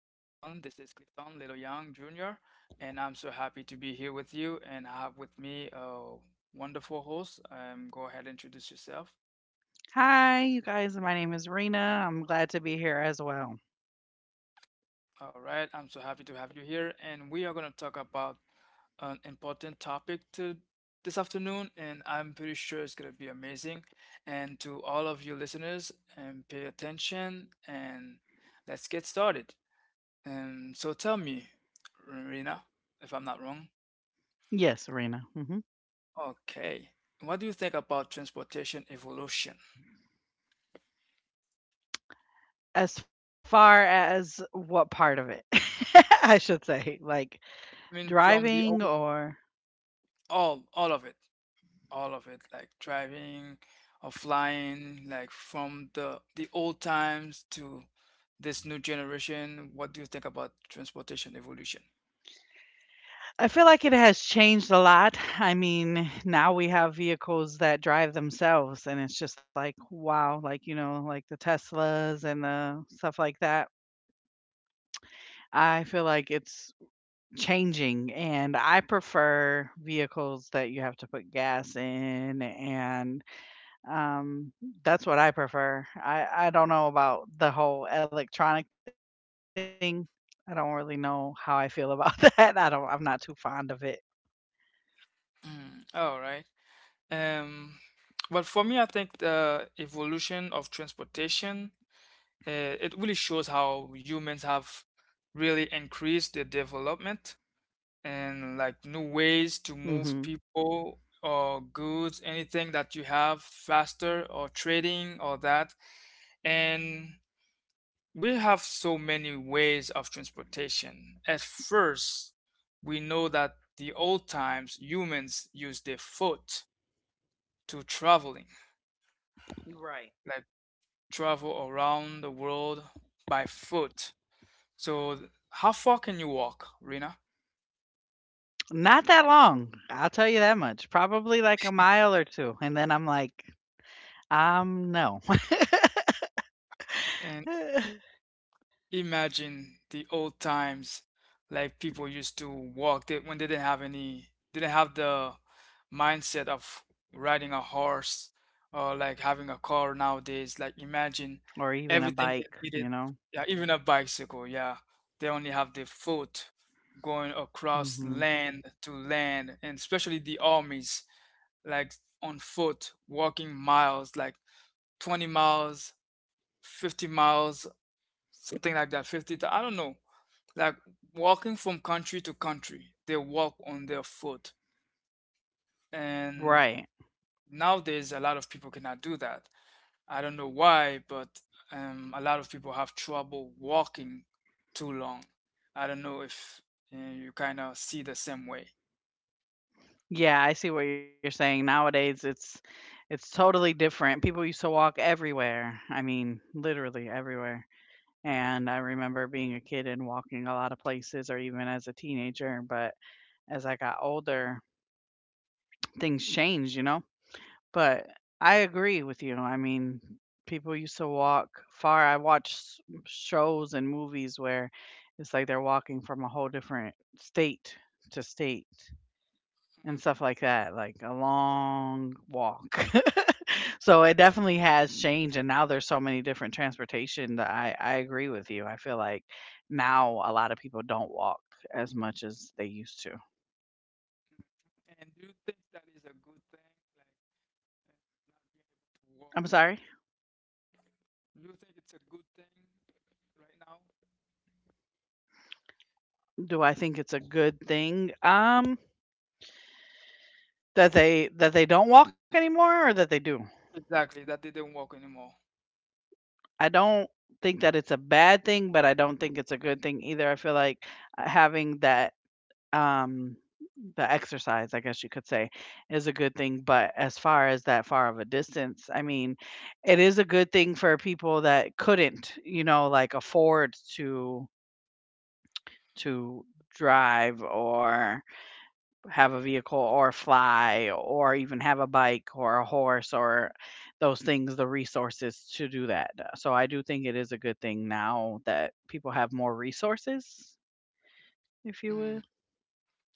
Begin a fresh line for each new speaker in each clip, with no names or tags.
This is Clifton Little Young Jr., and I'm so happy to be here with you. And I have with me a wonderful host. Go ahead and introduce yourself.
Hi, you guys. My name is Rena. I'm glad to be here as well.
All right, I'm so happy to have you here, and we are going to talk about an important topic to this afternoon, and I'm pretty sure it's going to be amazing. And to all of you listeners, and pay attention, and let's get started. And so tell me, Rena, if I'm not wrong.
Yes, Rena. Hmm.
Okay. What do you think about transportation evolution?
As far as what part of it, I should say, like
I mean, from
driving
the old,
or.
all of it, all of it, like driving or flying, like from the old times to this new generation. What do you think about transportation evolution?
I feel like it has changed a lot. I mean, now we have vehicles that drive themselves, and it's just like, wow, like, like the Teslas and the stuff like that. I feel like it's changing, and I prefer vehicles that you have to put gas in and Um, that's what I prefer. I don't know about the whole electronic thing. I don't really know how I feel about that. I don't. I'm not too fond of it.
Mm, all right. Um, but for me, I think the evolution of transportation, uh, it really shows how humans have really increased their development and like new ways to move
Hmm.
people or goods, anything that you have faster or trading or that. And we have so many ways of transportation. At first, we know that the old times humans used their foot to traveling
Right.
like. travel around the world by foot. So, how far can you walk, Rena?
Not that long. I'll tell you that much. Probably like a mile or two, and then I'm like, no.
And imagine the old times, like people used to walk they, when they didn't have any, didn't have the mindset of riding a horse or like having a car nowadays. Like, imagine
Or even a
everything they
bike.
needed,
You know.
yeah, even a bicycle, yeah. They only have the foot going across
Hmm.
land to land, and especially the armies like on foot, walking miles, like 20 miles, 50 miles, something like that, 50, I don't know. Like walking from country to country, they walk on their foot. And
Right.
nowadays, a lot of people cannot do that. I don't know why, but a lot of people have trouble walking too long. I don't know if you kind of see the same way.
Yeah, I see what you're saying. Nowadays, it's totally different. People used to walk everywhere. I mean, literally everywhere. And I remember being a kid and walking a lot of places or even as a teenager, but as I got older, things changed, you know? But I agree with you. I mean, people used to walk far. I watched shows and movies where it's like they're walking from a whole different state to state and stuff like that, like a long walk. So it definitely has changed, and now there's so many different transportation that I agree with you. I feel like now a lot of people don't walk as much as they used to.
Mhm. And do you think that is a good thing, like not being able to walk?
I'm sorry.
Do you think it's a good thing right now?
Do I think it's a good thing? That they don't walk anymore or that they do?
Exactly, that didn't work anymore.
I don't think that it's a bad thing, but I don't think it's a good thing either. I feel like having that, Um, the exercise, I guess you could say, is a good thing, but as far as that far of a distance, I mean, it is a good thing for people that couldn't, like afford to drive or have a vehicle or fly or even have a bike or a horse or those things, the resources to do that. So I do think it is a good thing now that people have more resources, if you will.
Mm.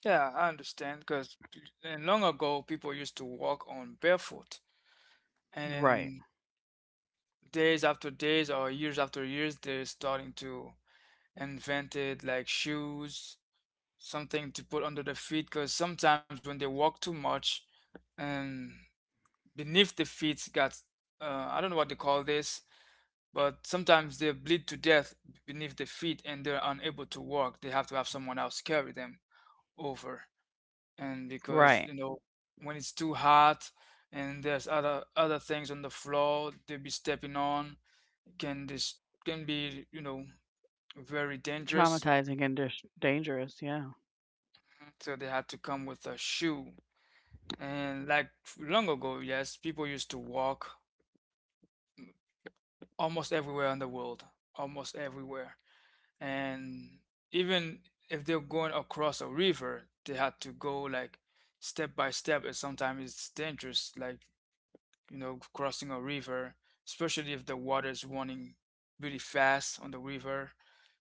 Yeah, I understand, because and long ago people used to walk on barefoot, and
Right.
then days after days or years after years, they're starting to invented like shoes, something to put under the feet. Because sometimes when they walk too much, and beneath the feet got, I don't know what they call this, but sometimes they bleed to death beneath their feet and they're unable to walk. They have to have someone else carry them over. And because,
Right.
you know, when it's too hot and there's other things on the floor they'll be stepping on, can this can be, you know, very dangerous.
Traumatizing and dis dangerous, yeah.
So they had to come with a shoe. And like long ago, yes, people used to walk almost everywhere in the world. Almost everywhere. And even if they're going across a river, they had to go like step by step, and sometimes it's dangerous, like you know crossing a river, especially if the water is running really fast on the river,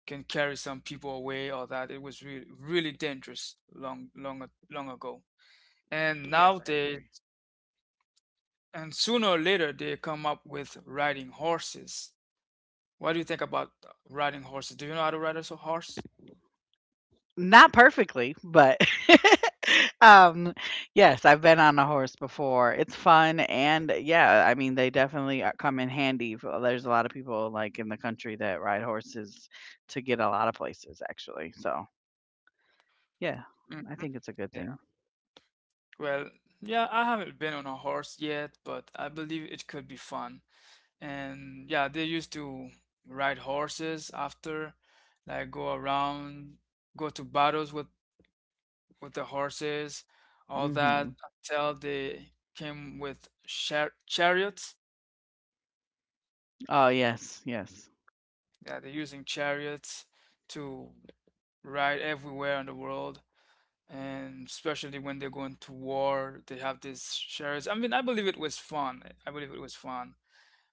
can carry some people away or that. It was really, really dangerous long, long, long ago. And
Yes, I
now
agree.
they, and sooner or later they come up with riding horses. What do you think about riding horses? Do you know how to ride a horse?
Not perfectly, but um, yes, I've been on a horse before. It's fun, and yeah, I mean, they definitely come in handy. There's a lot of people like in the country that ride horses to get a lot of places, actually. So yeah, I
Hmm.
think it's a good thing.
Well, yeah, I haven't been on a horse yet, but I believe it could be fun. And yeah, they used to ride horses after, like go around, go to battles with the horses, all that
Hmm.
until they came with chariots.
Oh yes, yes,
Yeah, they're using chariots to ride everywhere in the world. And especially when they're going to war, they have these chariots. I mean, I believe it was fun. I believe it was fun.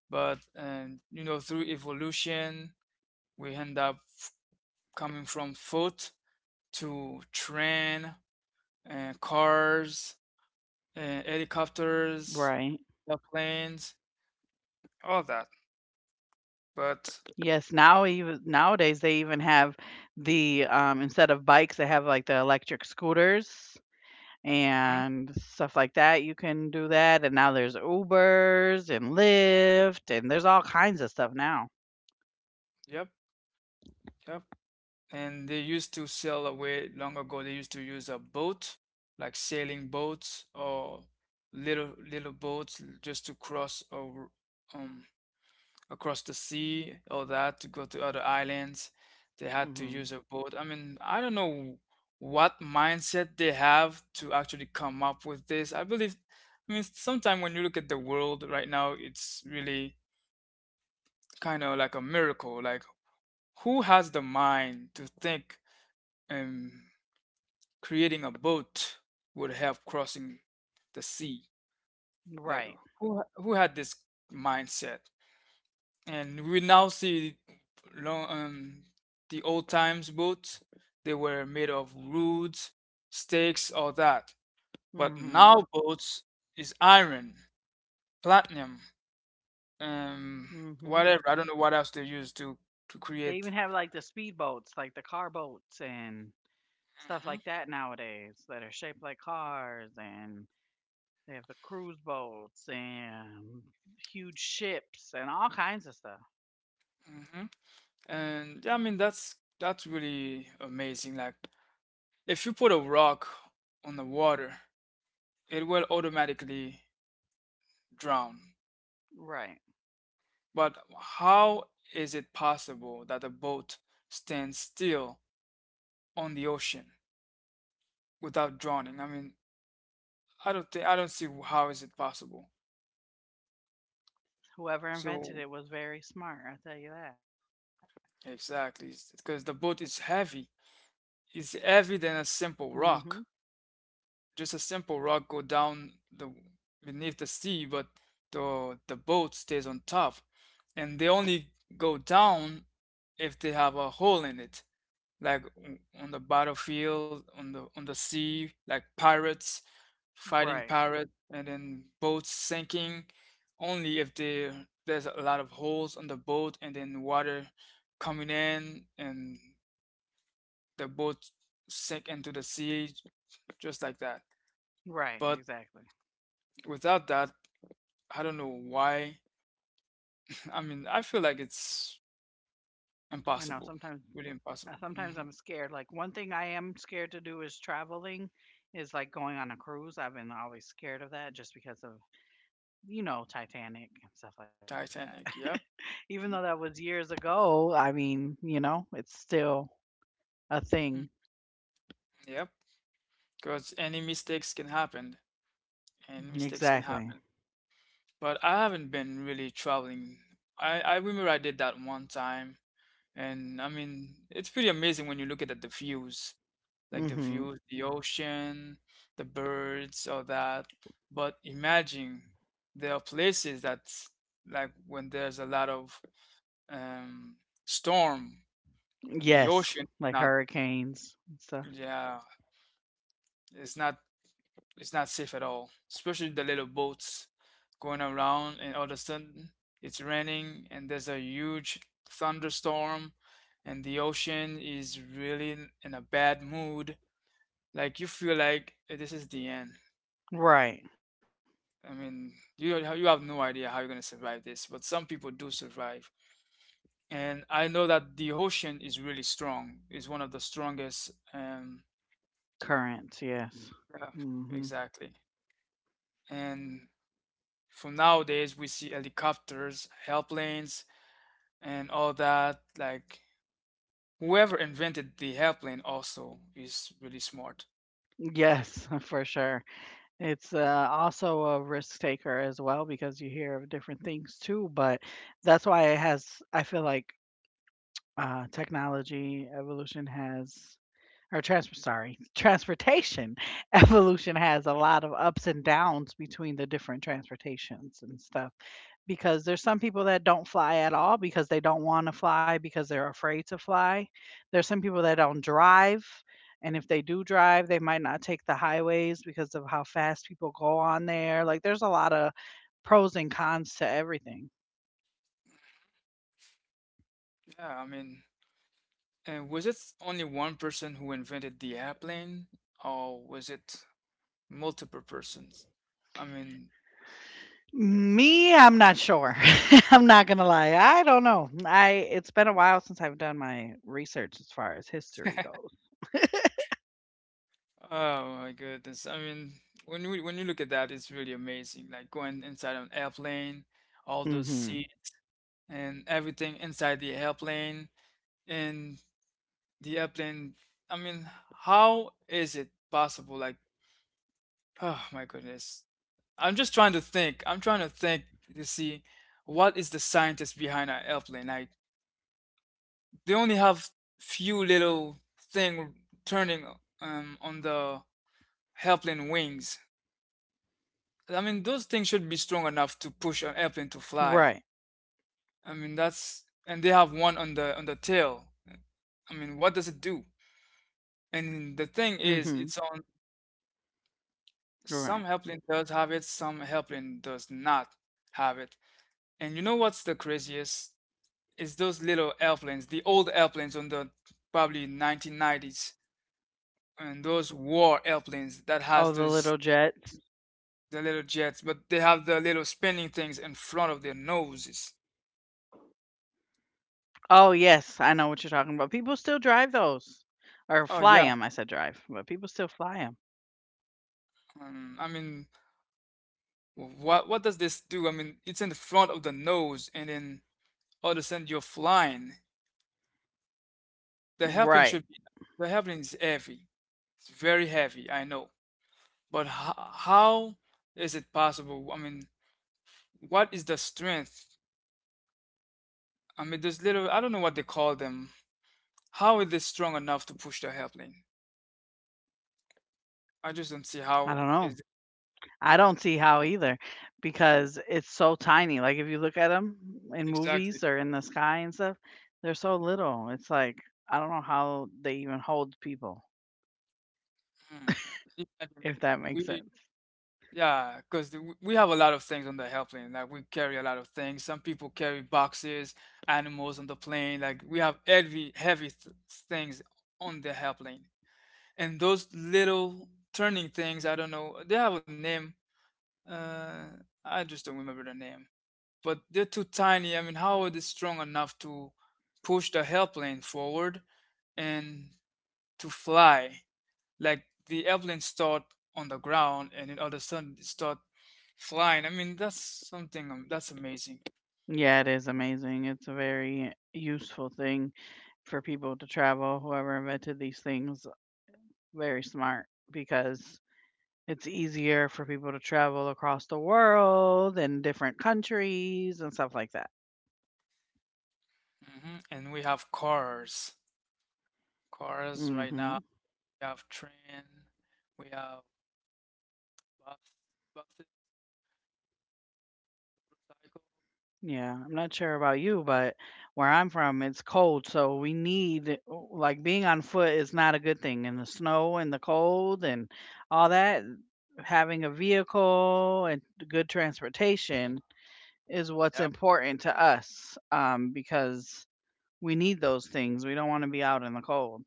But, and you know, through evolution we end up coming from foot to train and cars and helicopters,
right.
airplanes, all that. But
Yes, now even nowadays they even have the instead of bikes, they have like the electric scooters
mhm,
and stuff like that. You can do that, and now there's Ubers and Lyft, and there's all kinds of stuff now.
yep, yep. And they used to sail away long ago. They used to use a boat, like sailing boats or little little boats just to cross um across the sea, all that to go to other islands. They had to use
Hmm.
a boat. I mean, I don't know what mindset they have to actually come up with this. I believe, I mean, sometime when you look at the world right now, it's really kind of like a miracle. Like, who has the mind to think, um, creating a boat would help crossing the sea? Like,
Right.
who had this mindset? And we now see long the old times boats, they were made of roods, stakes or that, but now
Hmm.
boats is iron, platinum,
Hmm.
um whatever. I don't know what else they use
They
to
even have like
create.
the speedboats, like the car boats and stuff like
Hmm.
that nowadays that are shaped like cars, and they have the cruise boats and huge ships and all kinds of stuff.
Hmm. And yeah, I mean, that's really amazing. Like if you put a rock on the water, it will automatically drown.
Right.
But how is it possible that a boat stands still on the ocean without drowning? I mean, I don't think I don't see how is it possible.
Whoever
So
invented it was very smart, I'll tell you that.
exactly, because the boat is heavy. It's heavier than a simple
Hmm.
rock. Just a simple rock go down the beneath the sea, but the boat stays on top, and they only go down if they have a hole in it. Like on the battlefield, on the sea, like pirates fighting
Right.
pirates, and then boats sinking. Only if there's a lot of holes on the boat, and then water coming in, and the boat sink into the sea, just like that.
Right,
But
exactly.
without that, I don't know why. I mean, I feel like it's
I know
impossible,
sometimes,
really impossible.
sometimes
Hmm.
I'm scared. Like, one thing I am scared to do is traveling is like going on a cruise. I've been always scared of that just because of, Titanic and stuff like that.
Titanic, yep.
Even though that was years ago, I mean, it's still a thing.
Mm, yep. Because any mistakes can happen. And mistakes can
Exactly.
happen. But I haven't been really traveling. I remember I did that one time, and I mean, it's pretty amazing when you look at the views, like the
Mhm.
views, the ocean, the birds, all that. But imagine there are places that's like when there's a lot of um, storm, the
Yes,
ocean
like
not
hurricanes and stuff.
yeah, it's not, it's not safe at all, especially the little boats going around, and all of a sudden it's raining, and there's a huge thunderstorm, and the ocean is really in a bad mood. Like you feel like, eh, this is the end.
Right.
I mean, you don't have, you have no idea how you're gonna survive this, but some people do survive. And I know that the ocean is really strong. It's one of the strongest.
Currents, yes.
Yeah,
Mhm.
exactly. And from nowadays, we see helicopters, help and all that. Like whoever invented the airplane also is really smart.
Yes, for sure. It's, also a risk taker as well because you hear of different things too, but that's why it has I feel like, technology evolution has, or transportation evolution has a lot of ups and downs between the different transportations and stuff, because there's some people that don't fly at all because they don't want to fly because they're afraid to fly. There's some people that don't drive, and if they do drive, they might not take the highways because of how fast people go on there. Like, there's a lot of pros and cons to everything.
Yeah, I mean, was it only one person who invented the airplane, or was it multiple persons? I mean,
Me, I'm not sure. I'm not gonna lie. I don't know. I It's been a while since I've done my research as far as history goes.
oh my goodness. I mean, when you look at that, it's really amazing. Like going inside an airplane, all those
Hmm.
seats and everything inside the airplane, and the airplane. I mean, how is it possible? Like, oh my goodness. I'm just trying to think. I'm trying to think to see what is the scientist behind an airplane. Like they only have few little thing turning on the airplane wings. I mean, those things should be strong enough to push an
Right.
airplane to fly. I mean, that's, and they have one on the tail. I mean, what does it do? And the
Hmm.
thing is it's on,
Right.
some airplane does have it, some airplane does not have it. And you know what's the craziest? Is those little airplanes, the old airplanes on the probably 1990s, and those war airplanes that
Oh, the
has
little
those,
jets.
the little jets, but they have the little spinning things in front of their noses.
Oh, yes, I know what you're talking about. People still drive those or
Oh yeah,
fly them. I said drive, but people still fly them.
I mean, what does this do? I mean, it's in the front of the nose, and then all of a sudden you're flying. The airplane should
Right.
be the airplane is heavy. It's very heavy, I know. But how is it possible? I mean, what is the strength? I mean, there's little, I don't know what they call them. How are they strong enough to push the airplane? I just don't see
I
how
don't know.
is.
I don't see how either, because it's so tiny. Like, if you look at them in
Exactly.
movies or in the sky and stuff, they're so little. It's like, I don't know how they even hold people,
Hmm. Imagine
if that makes
we,
sense.
yeah, because we have a lot of things on the airplane. Like we carry a lot of things. Some people carry boxes, animals on the plane. Like we have heavy, heavy th things on the airplane. And those little turning things, I don't know, they have a name. Uh, I just don't remember the name. But they're too tiny. I mean, how are they strong enough to push the airplane forward and to fly? Like the airplane start on the ground and then all of a sudden it start flying. I mean, that's something, that's amazing.
Yeah, it is amazing. It's a very useful thing for people to travel. Whoever invented these things, very smart, because it's easier for people to travel across the world and different countries and stuff like that.
Hmm. And we have cars, cars
Hmm.
right now. We have train. We have bus, buses, motorcycles.
Yeah, I'm not sure about you, but where I'm from, it's cold, so we need like being on foot is not a good thing in the snow and the cold and all that. Having a vehicle and good transportation is what's
Yep,
important to us, because we need those things. We don't want to be out in the cold.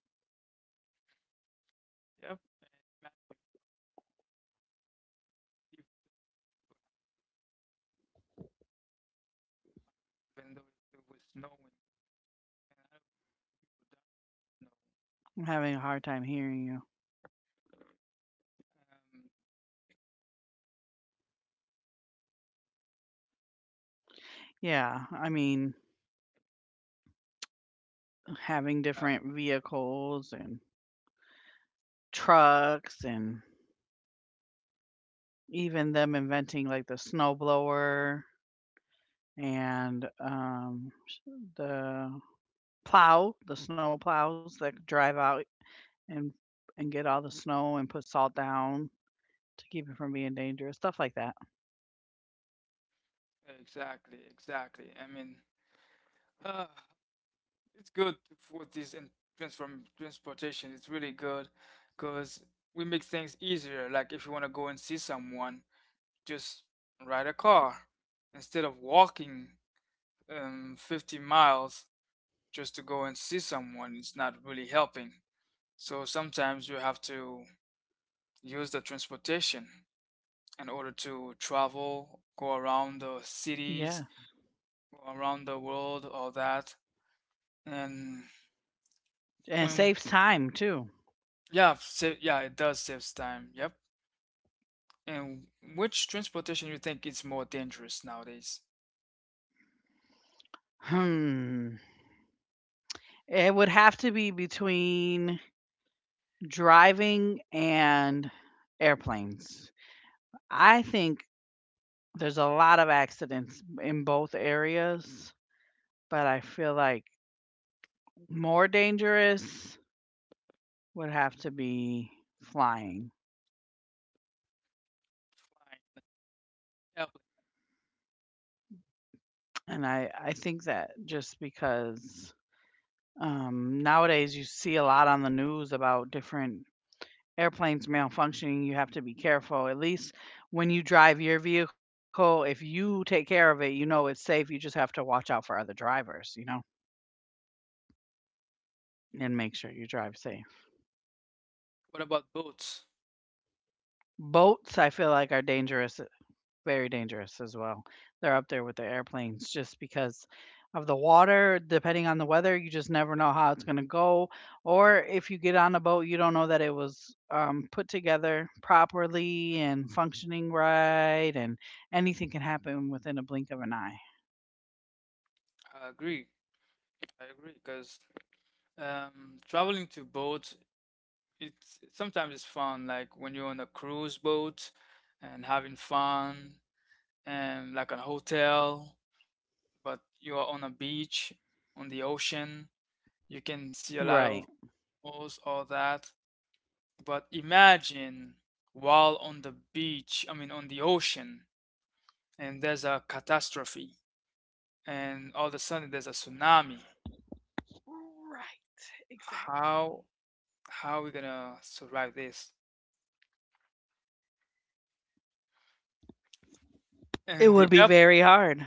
yep. And imagine if it happened though, it was snowing and a lot of people
I'm having a hard time hearing you.
died. No.
Yeah, I mean, having different
Yeah,
vehicles and trucks, and even them inventing, like, the snowblower and, the the snow plows that drive out and and get all the snow and put salt down to keep it from being dangerous, stuff like that.
exactly, exactly. I mean, uh, it's good for this and transform transportation. It's really good because we make things easier. Like if you want to go and see someone, just ride a car instead of walking 50 miles just to go and see someone. It's not really helping. So sometimes you have to use the transportation in order to travel, go around the cities,
Yeah,
go around the world, all that. And
and it saves
when,
time too.
yeah, yeah, it does saves time. Yep. And which transportation you think is more dangerous nowadays?
Hmm, it would have to be between driving and airplanes. I think there's a lot of accidents in both areas, but I feel like more dangerous would have to be flying,
Flying, airplane.
and I think that just because, nowadays you see a lot on the news about different airplanes malfunctioning, you have to be careful. At least when you drive your vehicle, if you take care of it, you know it's safe, you just have to watch out for other drivers, and make sure you drive safe.
What about boats?
Boats, I feel like, are dangerous very dangerous as well. They're up there with the airplanes just because of the water. Depending on the weather, you just never know how it's going to go. Or if you get on a boat, you don't know that it was, put together properly and functioning right, and anything can happen within a blink of an eye.
I agree. I agree because traveling to boats, it's sometimes it's fun. Like when you're on a cruise boat and having fun, and like a hotel, but you are on a beach, on the ocean. You can see a
Right.
lot of animals, all that. But imagine while on the beach, I mean, on the ocean, and there's a catastrophe, and all of a sudden there's a tsunami.
Right. Exactly.
How how are we gonna survive this?
It
And the
would be
yep,
very hard.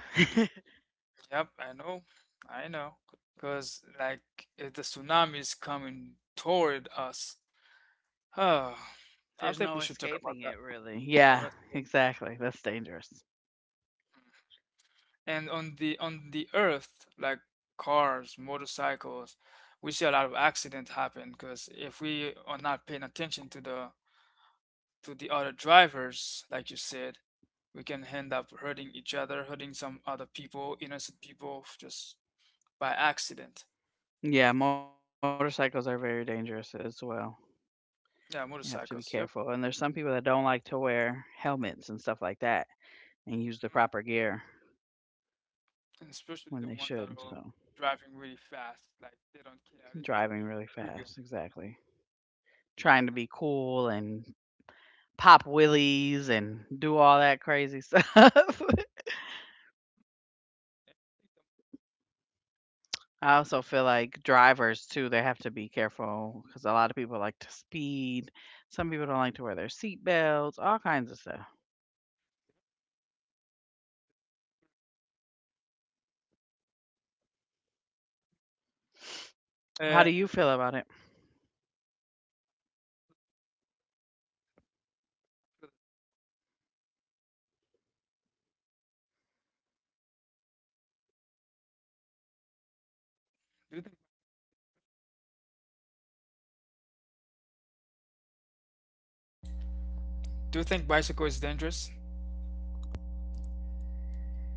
yep, I know, because like if the tsunami is coming toward us, oh, I
There's
think we
no
should talk about
escaping
that.
it, really. Yeah, exactly. That's dangerous.
And on the earth, like cars, motorcycles, we see a lot of accidents happen because if we are not paying attention to the other drivers, like you said, we can end up hurting each other, hurting some other people, innocent people, just by accident.
Yeah, motorcycles are very dangerous as well. You have to
Yeah,
be careful, and
motorcycles.
there's
Yep.
some people that don't like to wear helmets and stuff like that, and use the proper
Mm.
gear
And especially
when they
the ones that
should,
are
so
driving really fast, like they don't care, they're just
driving
gonna go
really
through you.
fast, exactly. Trying to be cool and pop wheelies and do all that crazy stuff. I also feel like drivers too, they have to be careful because a lot of people like to speed. Some people don't like to wear their seat belts, all kinds of stuff. How do you
And
feel about it?
do you think do you think bicycle is dangerous?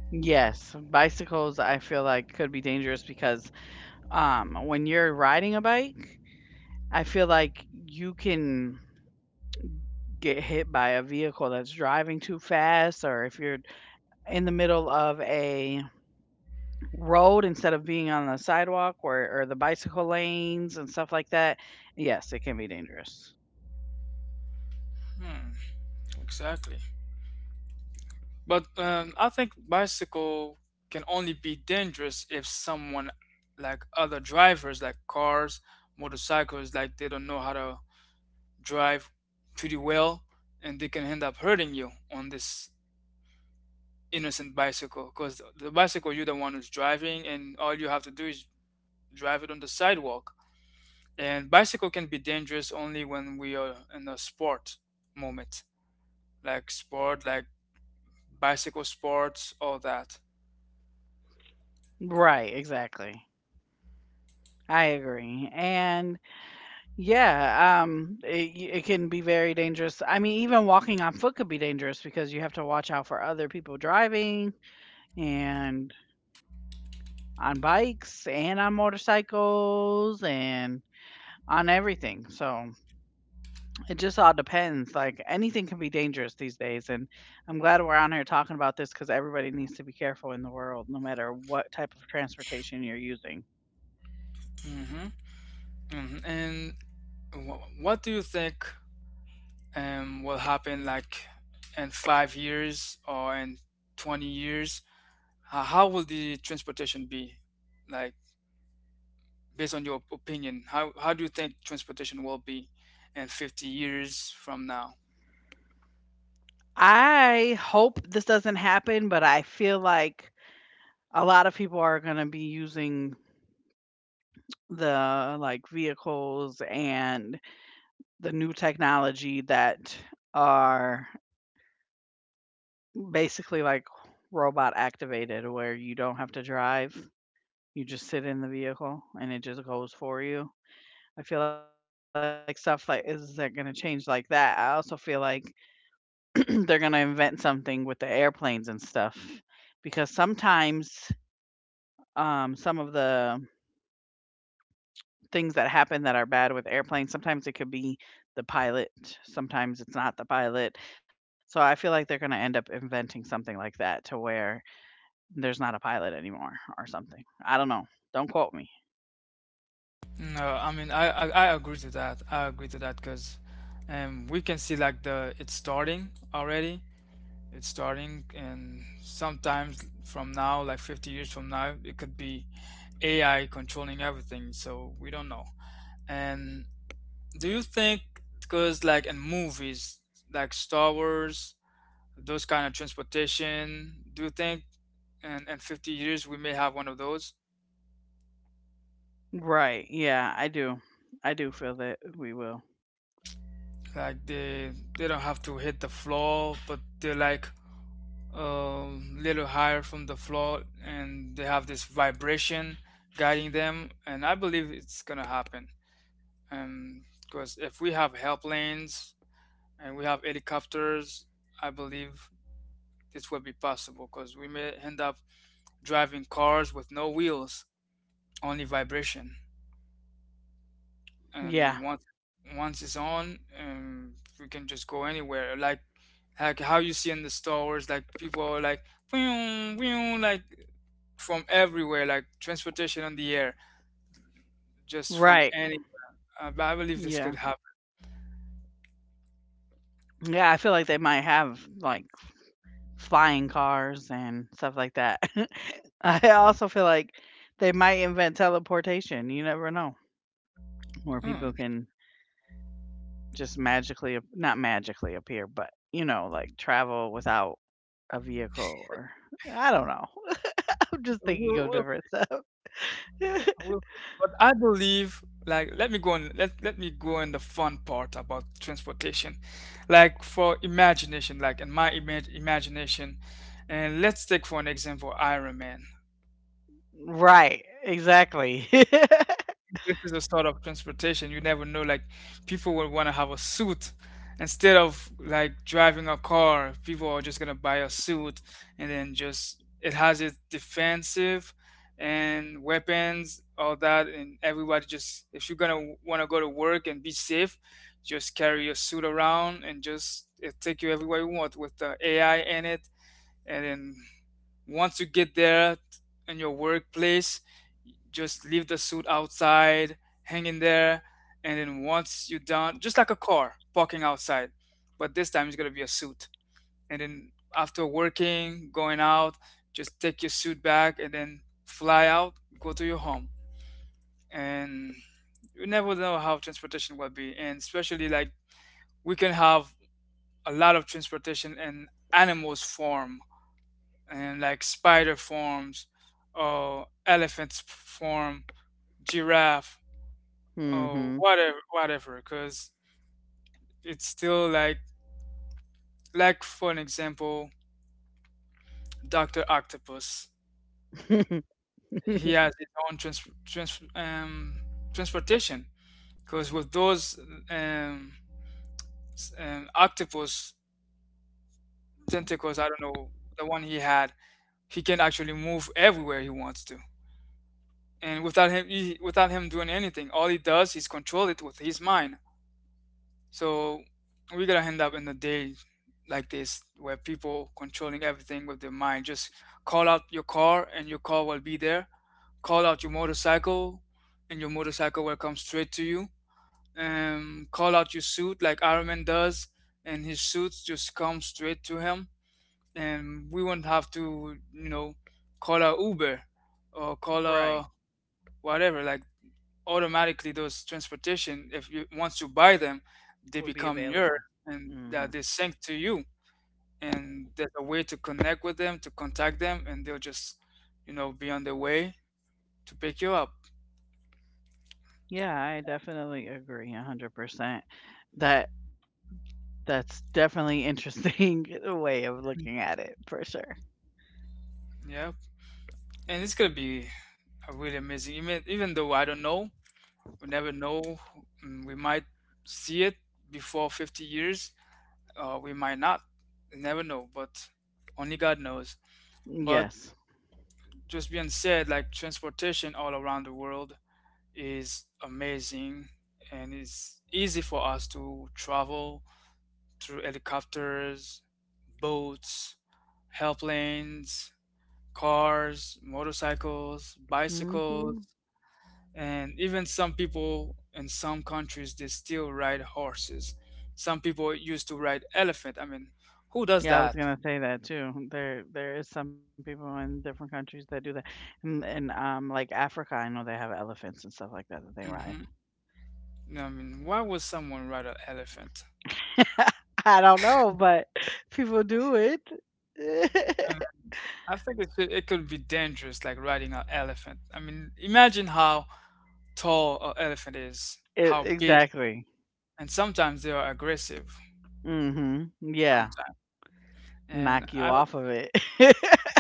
Yes, bicycles I feel like could be dangerous, because when you're riding a bike, I feel like you can get hit by a vehicle that's driving too fast, or if you're in the middle of a road instead of being on the sidewalk, or the bicycle lanes and stuff like that, yes, it can be dangerous.
Hmm. Exactly. But I think bicycle can only be dangerous if someone like other drivers like cars, motorcycles like they don't know how to drive pretty well and they can end up hurting you on this innocent bicycle because the bicycle you're the one who's driving and all you have to do is drive it on the sidewalk. And bicycle can be dangerous only when we are in a sport moment, like sport, like bicycle sports, all that.
Right, exactly. I agree. And yeah, it can be very dangerous. I mean, even walking on foot could be dangerous because you have to watch out for other people driving and on bikes and on motorcycles and on everything. So it just all depends. Like, anything can be dangerous these days. And I'm glad we're on here talking about this, because everybody needs to be careful in the world, no matter what type of transportation you're using.
Hmm Mhm. And what do you think will happen like in 5 years or in 20 years? How will the transportation be? Like, based on your opinion, how do you think transportation will be in 50 years from now?
I hope this doesn't happen, but I feel like a lot of people are going to be using the like vehicles and the new technology that are basically, like, robot activated, where you don't have to drive, you just sit in the vehicle and it just goes for you. I feel like stuff like is that gonna change like that? I also feel like they're gonna invent something with the airplanes and stuff because sometimes, some of the things that happen that are bad with airplanes, sometimes it could be the pilot, sometimes it's not the pilot. So I feel like they're gonna end up inventing something like that, to where there's not a pilot anymore or something. I don't know. Don't quote me.
No, I mean, I agree to that. I agree to that because we can see like the it's starting already. It's starting, and sometimes from now, like 50 years from now, it could be AI controlling everything, so we don't know. And do you think, because like in movies, like Star Wars, those kind of transportation, do you think in 50 years we may have one of those?
Right. Yeah, I do. I do feel that we will.
Like they don't have to hit the floor, but they're like a little higher from the floor, and they have this vibration guiding them. And I believe it's gonna happen. And because if we have help lanes and we have helicopters, I believe this will be possible because we may end up driving cars with no wheels, only vibration. And
Yeah.
once it's on, we can just go anywhere. Like how you see in the Star Wars, like people are like "Whew, whew," like from everywhere, like transportation on the air, just from
Right.
any. But I believe this could
Yeah.
happen.
Yeah, I feel like they might have like flying cars and stuff like that. I also feel like they might invent teleportation. You never know. Where people
Hmm.
can just magically, not magically appear, but, like travel without a vehicle or I don't know. I'm just thinking of
We'll,
different stuff.
I will but I believe, like, let me go on the fun part about transportation. Like, for imagination, like, in my imagination, and let's take for an example Iron Man.
Right, exactly.
This is a sort of transportation. You never know. Like people will want to have a suit instead of like driving a car. People are just gonna buy a suit and then just it has its defensive and weapons, all that, and everybody just if you're gonna want to go to work and be safe, just carry your suit around and just it take you everywhere you want with the AI in it, and then once you get there in your workplace, just leave the suit outside, hang in there, and then once you're done, just like a car parking outside, but this time it's gonna be a suit. And then after working, going out, just take your suit back and then fly out, go to your home. And you never know how transportation will be, and especially like we can have a lot of transportation in animals form and like spider forms or elephants form, giraffe or
Mhm.
whatever, whatever. Because it's still like for an example, Doctor Octopus. He has his own transportation. Because with those um, octopus tentacles, I don't know the one he had, he can actually move everywhere he wants to. And without him, without him doing anything, all he does is control it with his mind. So we're gonna end up in a day like this where people controlling everything with their mind. Just call out your car and your car will be there. Call out your motorcycle and your motorcycle will come straight to you. Call out your suit like Iron Man does and his suits just come straight to him. And we won't have to, you know, call a Uber or call a
Right,
whatever. Like automatically those transportation if you once you buy them they
would be
become yours
available.
and that
Mhm.
they sync to you and there's a way to connect with them to contact them and they'll just you know be on their way to pick you up,
Yeah, I definitely agree 100%. That that's definitely interesting way of looking at it for sure.
yeah, and it's gonna be a really amazing even even though I don't know, we never know, mm, we might see it before 50 years, we might not. You never know but only god knows. But
Yes.
just being said, like transportation all around the world is amazing and it's easy for us to travel through helicopters, boats, airplanes, cars, motorcycles, bicycles,
Mhm.
and even some people in some countries they still ride horses. Some people used to ride elephant. I mean, who does
Yeah, I was
that?
gonna say that too. There is some people in different countries that do that. And in, like, Africa, I know they have elephants and stuff like that that they ride.
Hmm I mean, why would someone ride an elephant?
I don't know, but people do it.
I think it could be dangerous, like riding an elephant. I mean, imagine how tall an elephant is,
E
how big,
Exactly.
and sometimes they are aggressive.
Mhm. Yeah.
Sometimes, and
Knock you
I don't.
off of it.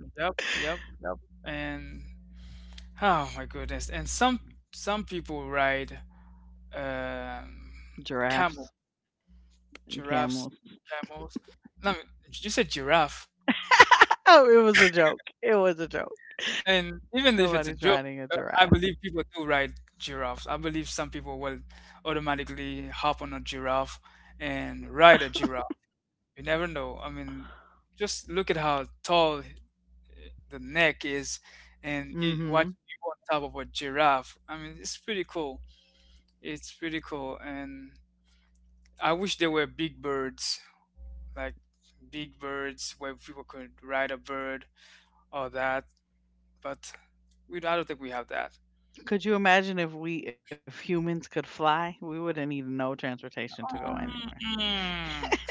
Yep. And oh my goodness! And some people ride um, camel,
Giraffes and
giraffes,
camels.
camels. No, you said giraffe.
Oh, it was a joke. It was a joke.
And
Nobody's
even if
riding
it's
a
a joke,
giraffe.
I believe people do ride giraffes. I believe some people will automatically hop on a giraffe and ride a giraffe. You never know. I mean, just look at how tall the neck is and it,
Mhm.
watching you on top of a giraffe. I mean, it's pretty cool. It's pretty cool. And I wish there were big birds, like big birds where people could ride a bird or that. But I don't think we have that.
Could you imagine if humans could fly? We wouldn't need no transportation to go anywhere.
Mm.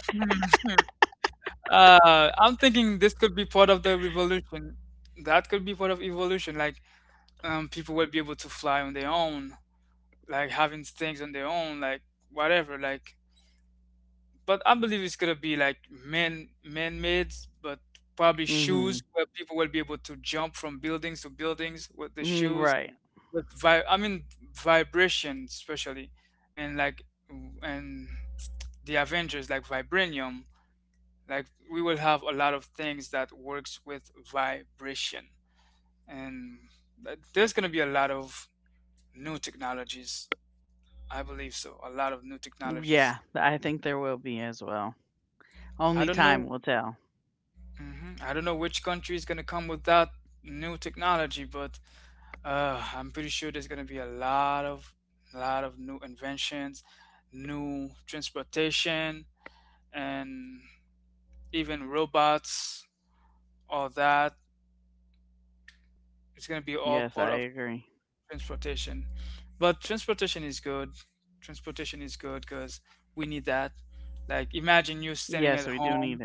I'm thinking this could be part of the revolution. That could be part of evolution. Like, people will be able to fly on their own, like having things on their own, like whatever. Like, but I believe it's gonna be like man-made, but probably
Mhm.
shoes where people will be able to jump from buildings to buildings with the
Mm,
shoes
right.
with I mean vibration especially, and like and the Avengers like vibranium like we will have a lot of things that works with vibration and there's going to be a lot of new technologies, I believe so, a lot of new technologies.
Yeah, I think there will be as well.
I
Only
don't
time
know.
will tell.
Hmm. I don't know which country is going to come with that new technology but I'm pretty sure there's going to be a lot of new inventions, new transportation, and even robots, all that. It's going to be all
Yes,
part
I
of
agree.
transportation. But transportation is good. Transportation is good because we need that. Like imagine you
Yes,
standing
we
at
do need it.
home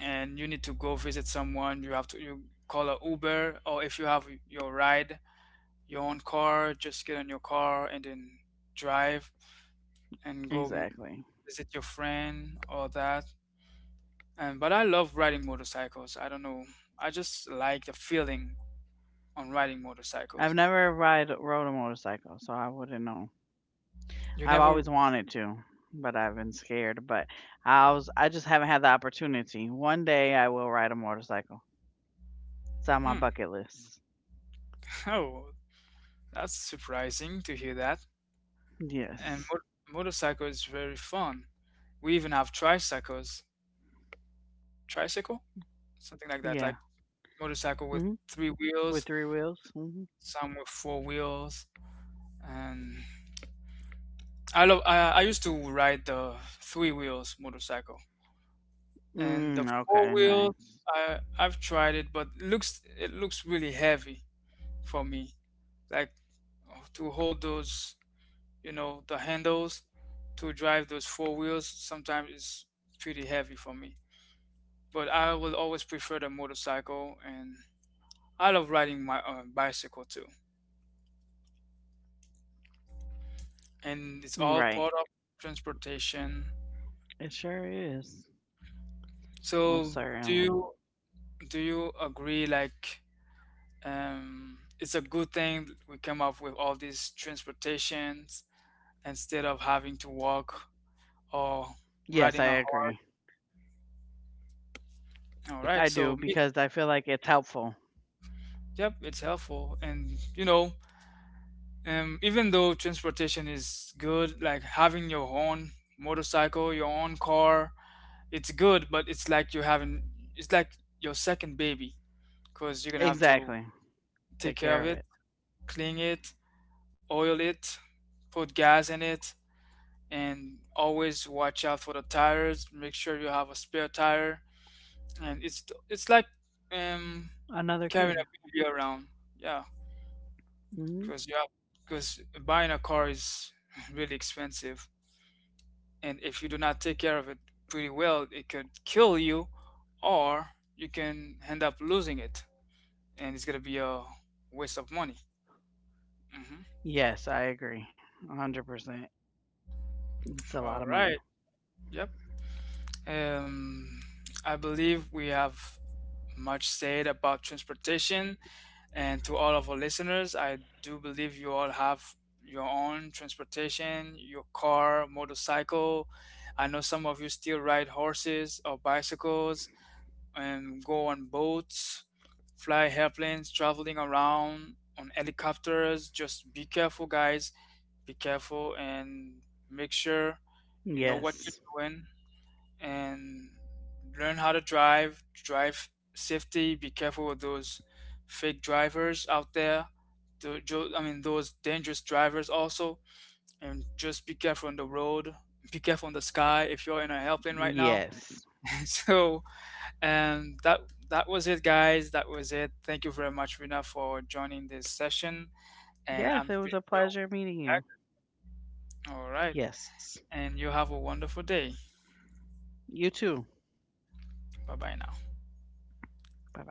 and you need to go visit someone. You have to you call a Uber or if you have your ride, your own car, just get on your car and then drive and
Exactly.
visit your friend or that. And but I love riding motorcycles. I don't know. I just like the feeling on riding
I've
motorcycles.
never ride rode a motorcycle, so I wouldn't know.
You
I've
never.
always wanted to, but I've been scared, but I just haven't had the opportunity. One day I will ride a motorcycle. It's on my
Hmm.
bucket list.
Oh, that's surprising to hear that. And
Yes.
motorcycle is very fun. We even have tricycles. Tricycle? Something like that. Like
Yeah.
motorcycle with
Mhm.
three wheels,
With three wheels. Mhm.
some with four wheels. And I used to ride the three wheels motorcycle. And the
Mm,
four
okay,
wheels
nice.
I've tried it but it looks really heavy for me. Like to hold those you know the handles to drive those four wheels sometimes is pretty heavy for me but I will always prefer the motorcycle and I love riding my bicycle too and
Mm,
it's all
right.
part of transportation.
It sure is. Oh,
So do
certainly.
you do you agree like it's a good thing we came up with all these transportations instead of having to walk or
Yes, I
riding a
agree.
horse. All
I
right,
do
so
because I feel like it's helpful.
yep, it's helpful and you know, even though transportation is good, like having your own motorcycle, your own car, it's good, but it's like you having, it's like your second baby because you're gonna have to
Exactly.
take
Take
care
care
of
of
it,
it.
clean it, oil it, put gas in it, and always watch out for the tires. Make sure you have a spare tire, and it's like um,
Another
carrying a
kid.
baby around, yeah,
Mhm.
because you have because buying a car is really expensive. And if you do not take care of it pretty well it could kill you or you can end up losing it and it's gonna be a waste of money. Hmm.
Yes, I agree. 100%. It's a
All
lot of money.
right. Yep. Um, I believe we have much said about transportation and to all of our listeners I do believe you all have your own transportation, your car, motorcycle. I know some of you still ride horses or bicycles and go on boats, fly airplanes, traveling around on helicopters. Just be careful, guys. Be careful and make sure you know what
Yes.
you're doing and learn how to drive. Drive safety. Be careful with those fake drivers out there. I mean, those dangerous drivers also. And just be careful on the road. Be careful on the sky if you're in an airplane right now.
Yes.
So and that that was it, guys. That was it. Thank you very much, Rina, for joining this session. And
Yes, it
I'm
was a
pretty sure we'll
pleasure meeting you.
be back. All right.
Yes.
And you have a wonderful day.
You too.
Bye bye now.
Bye-bye.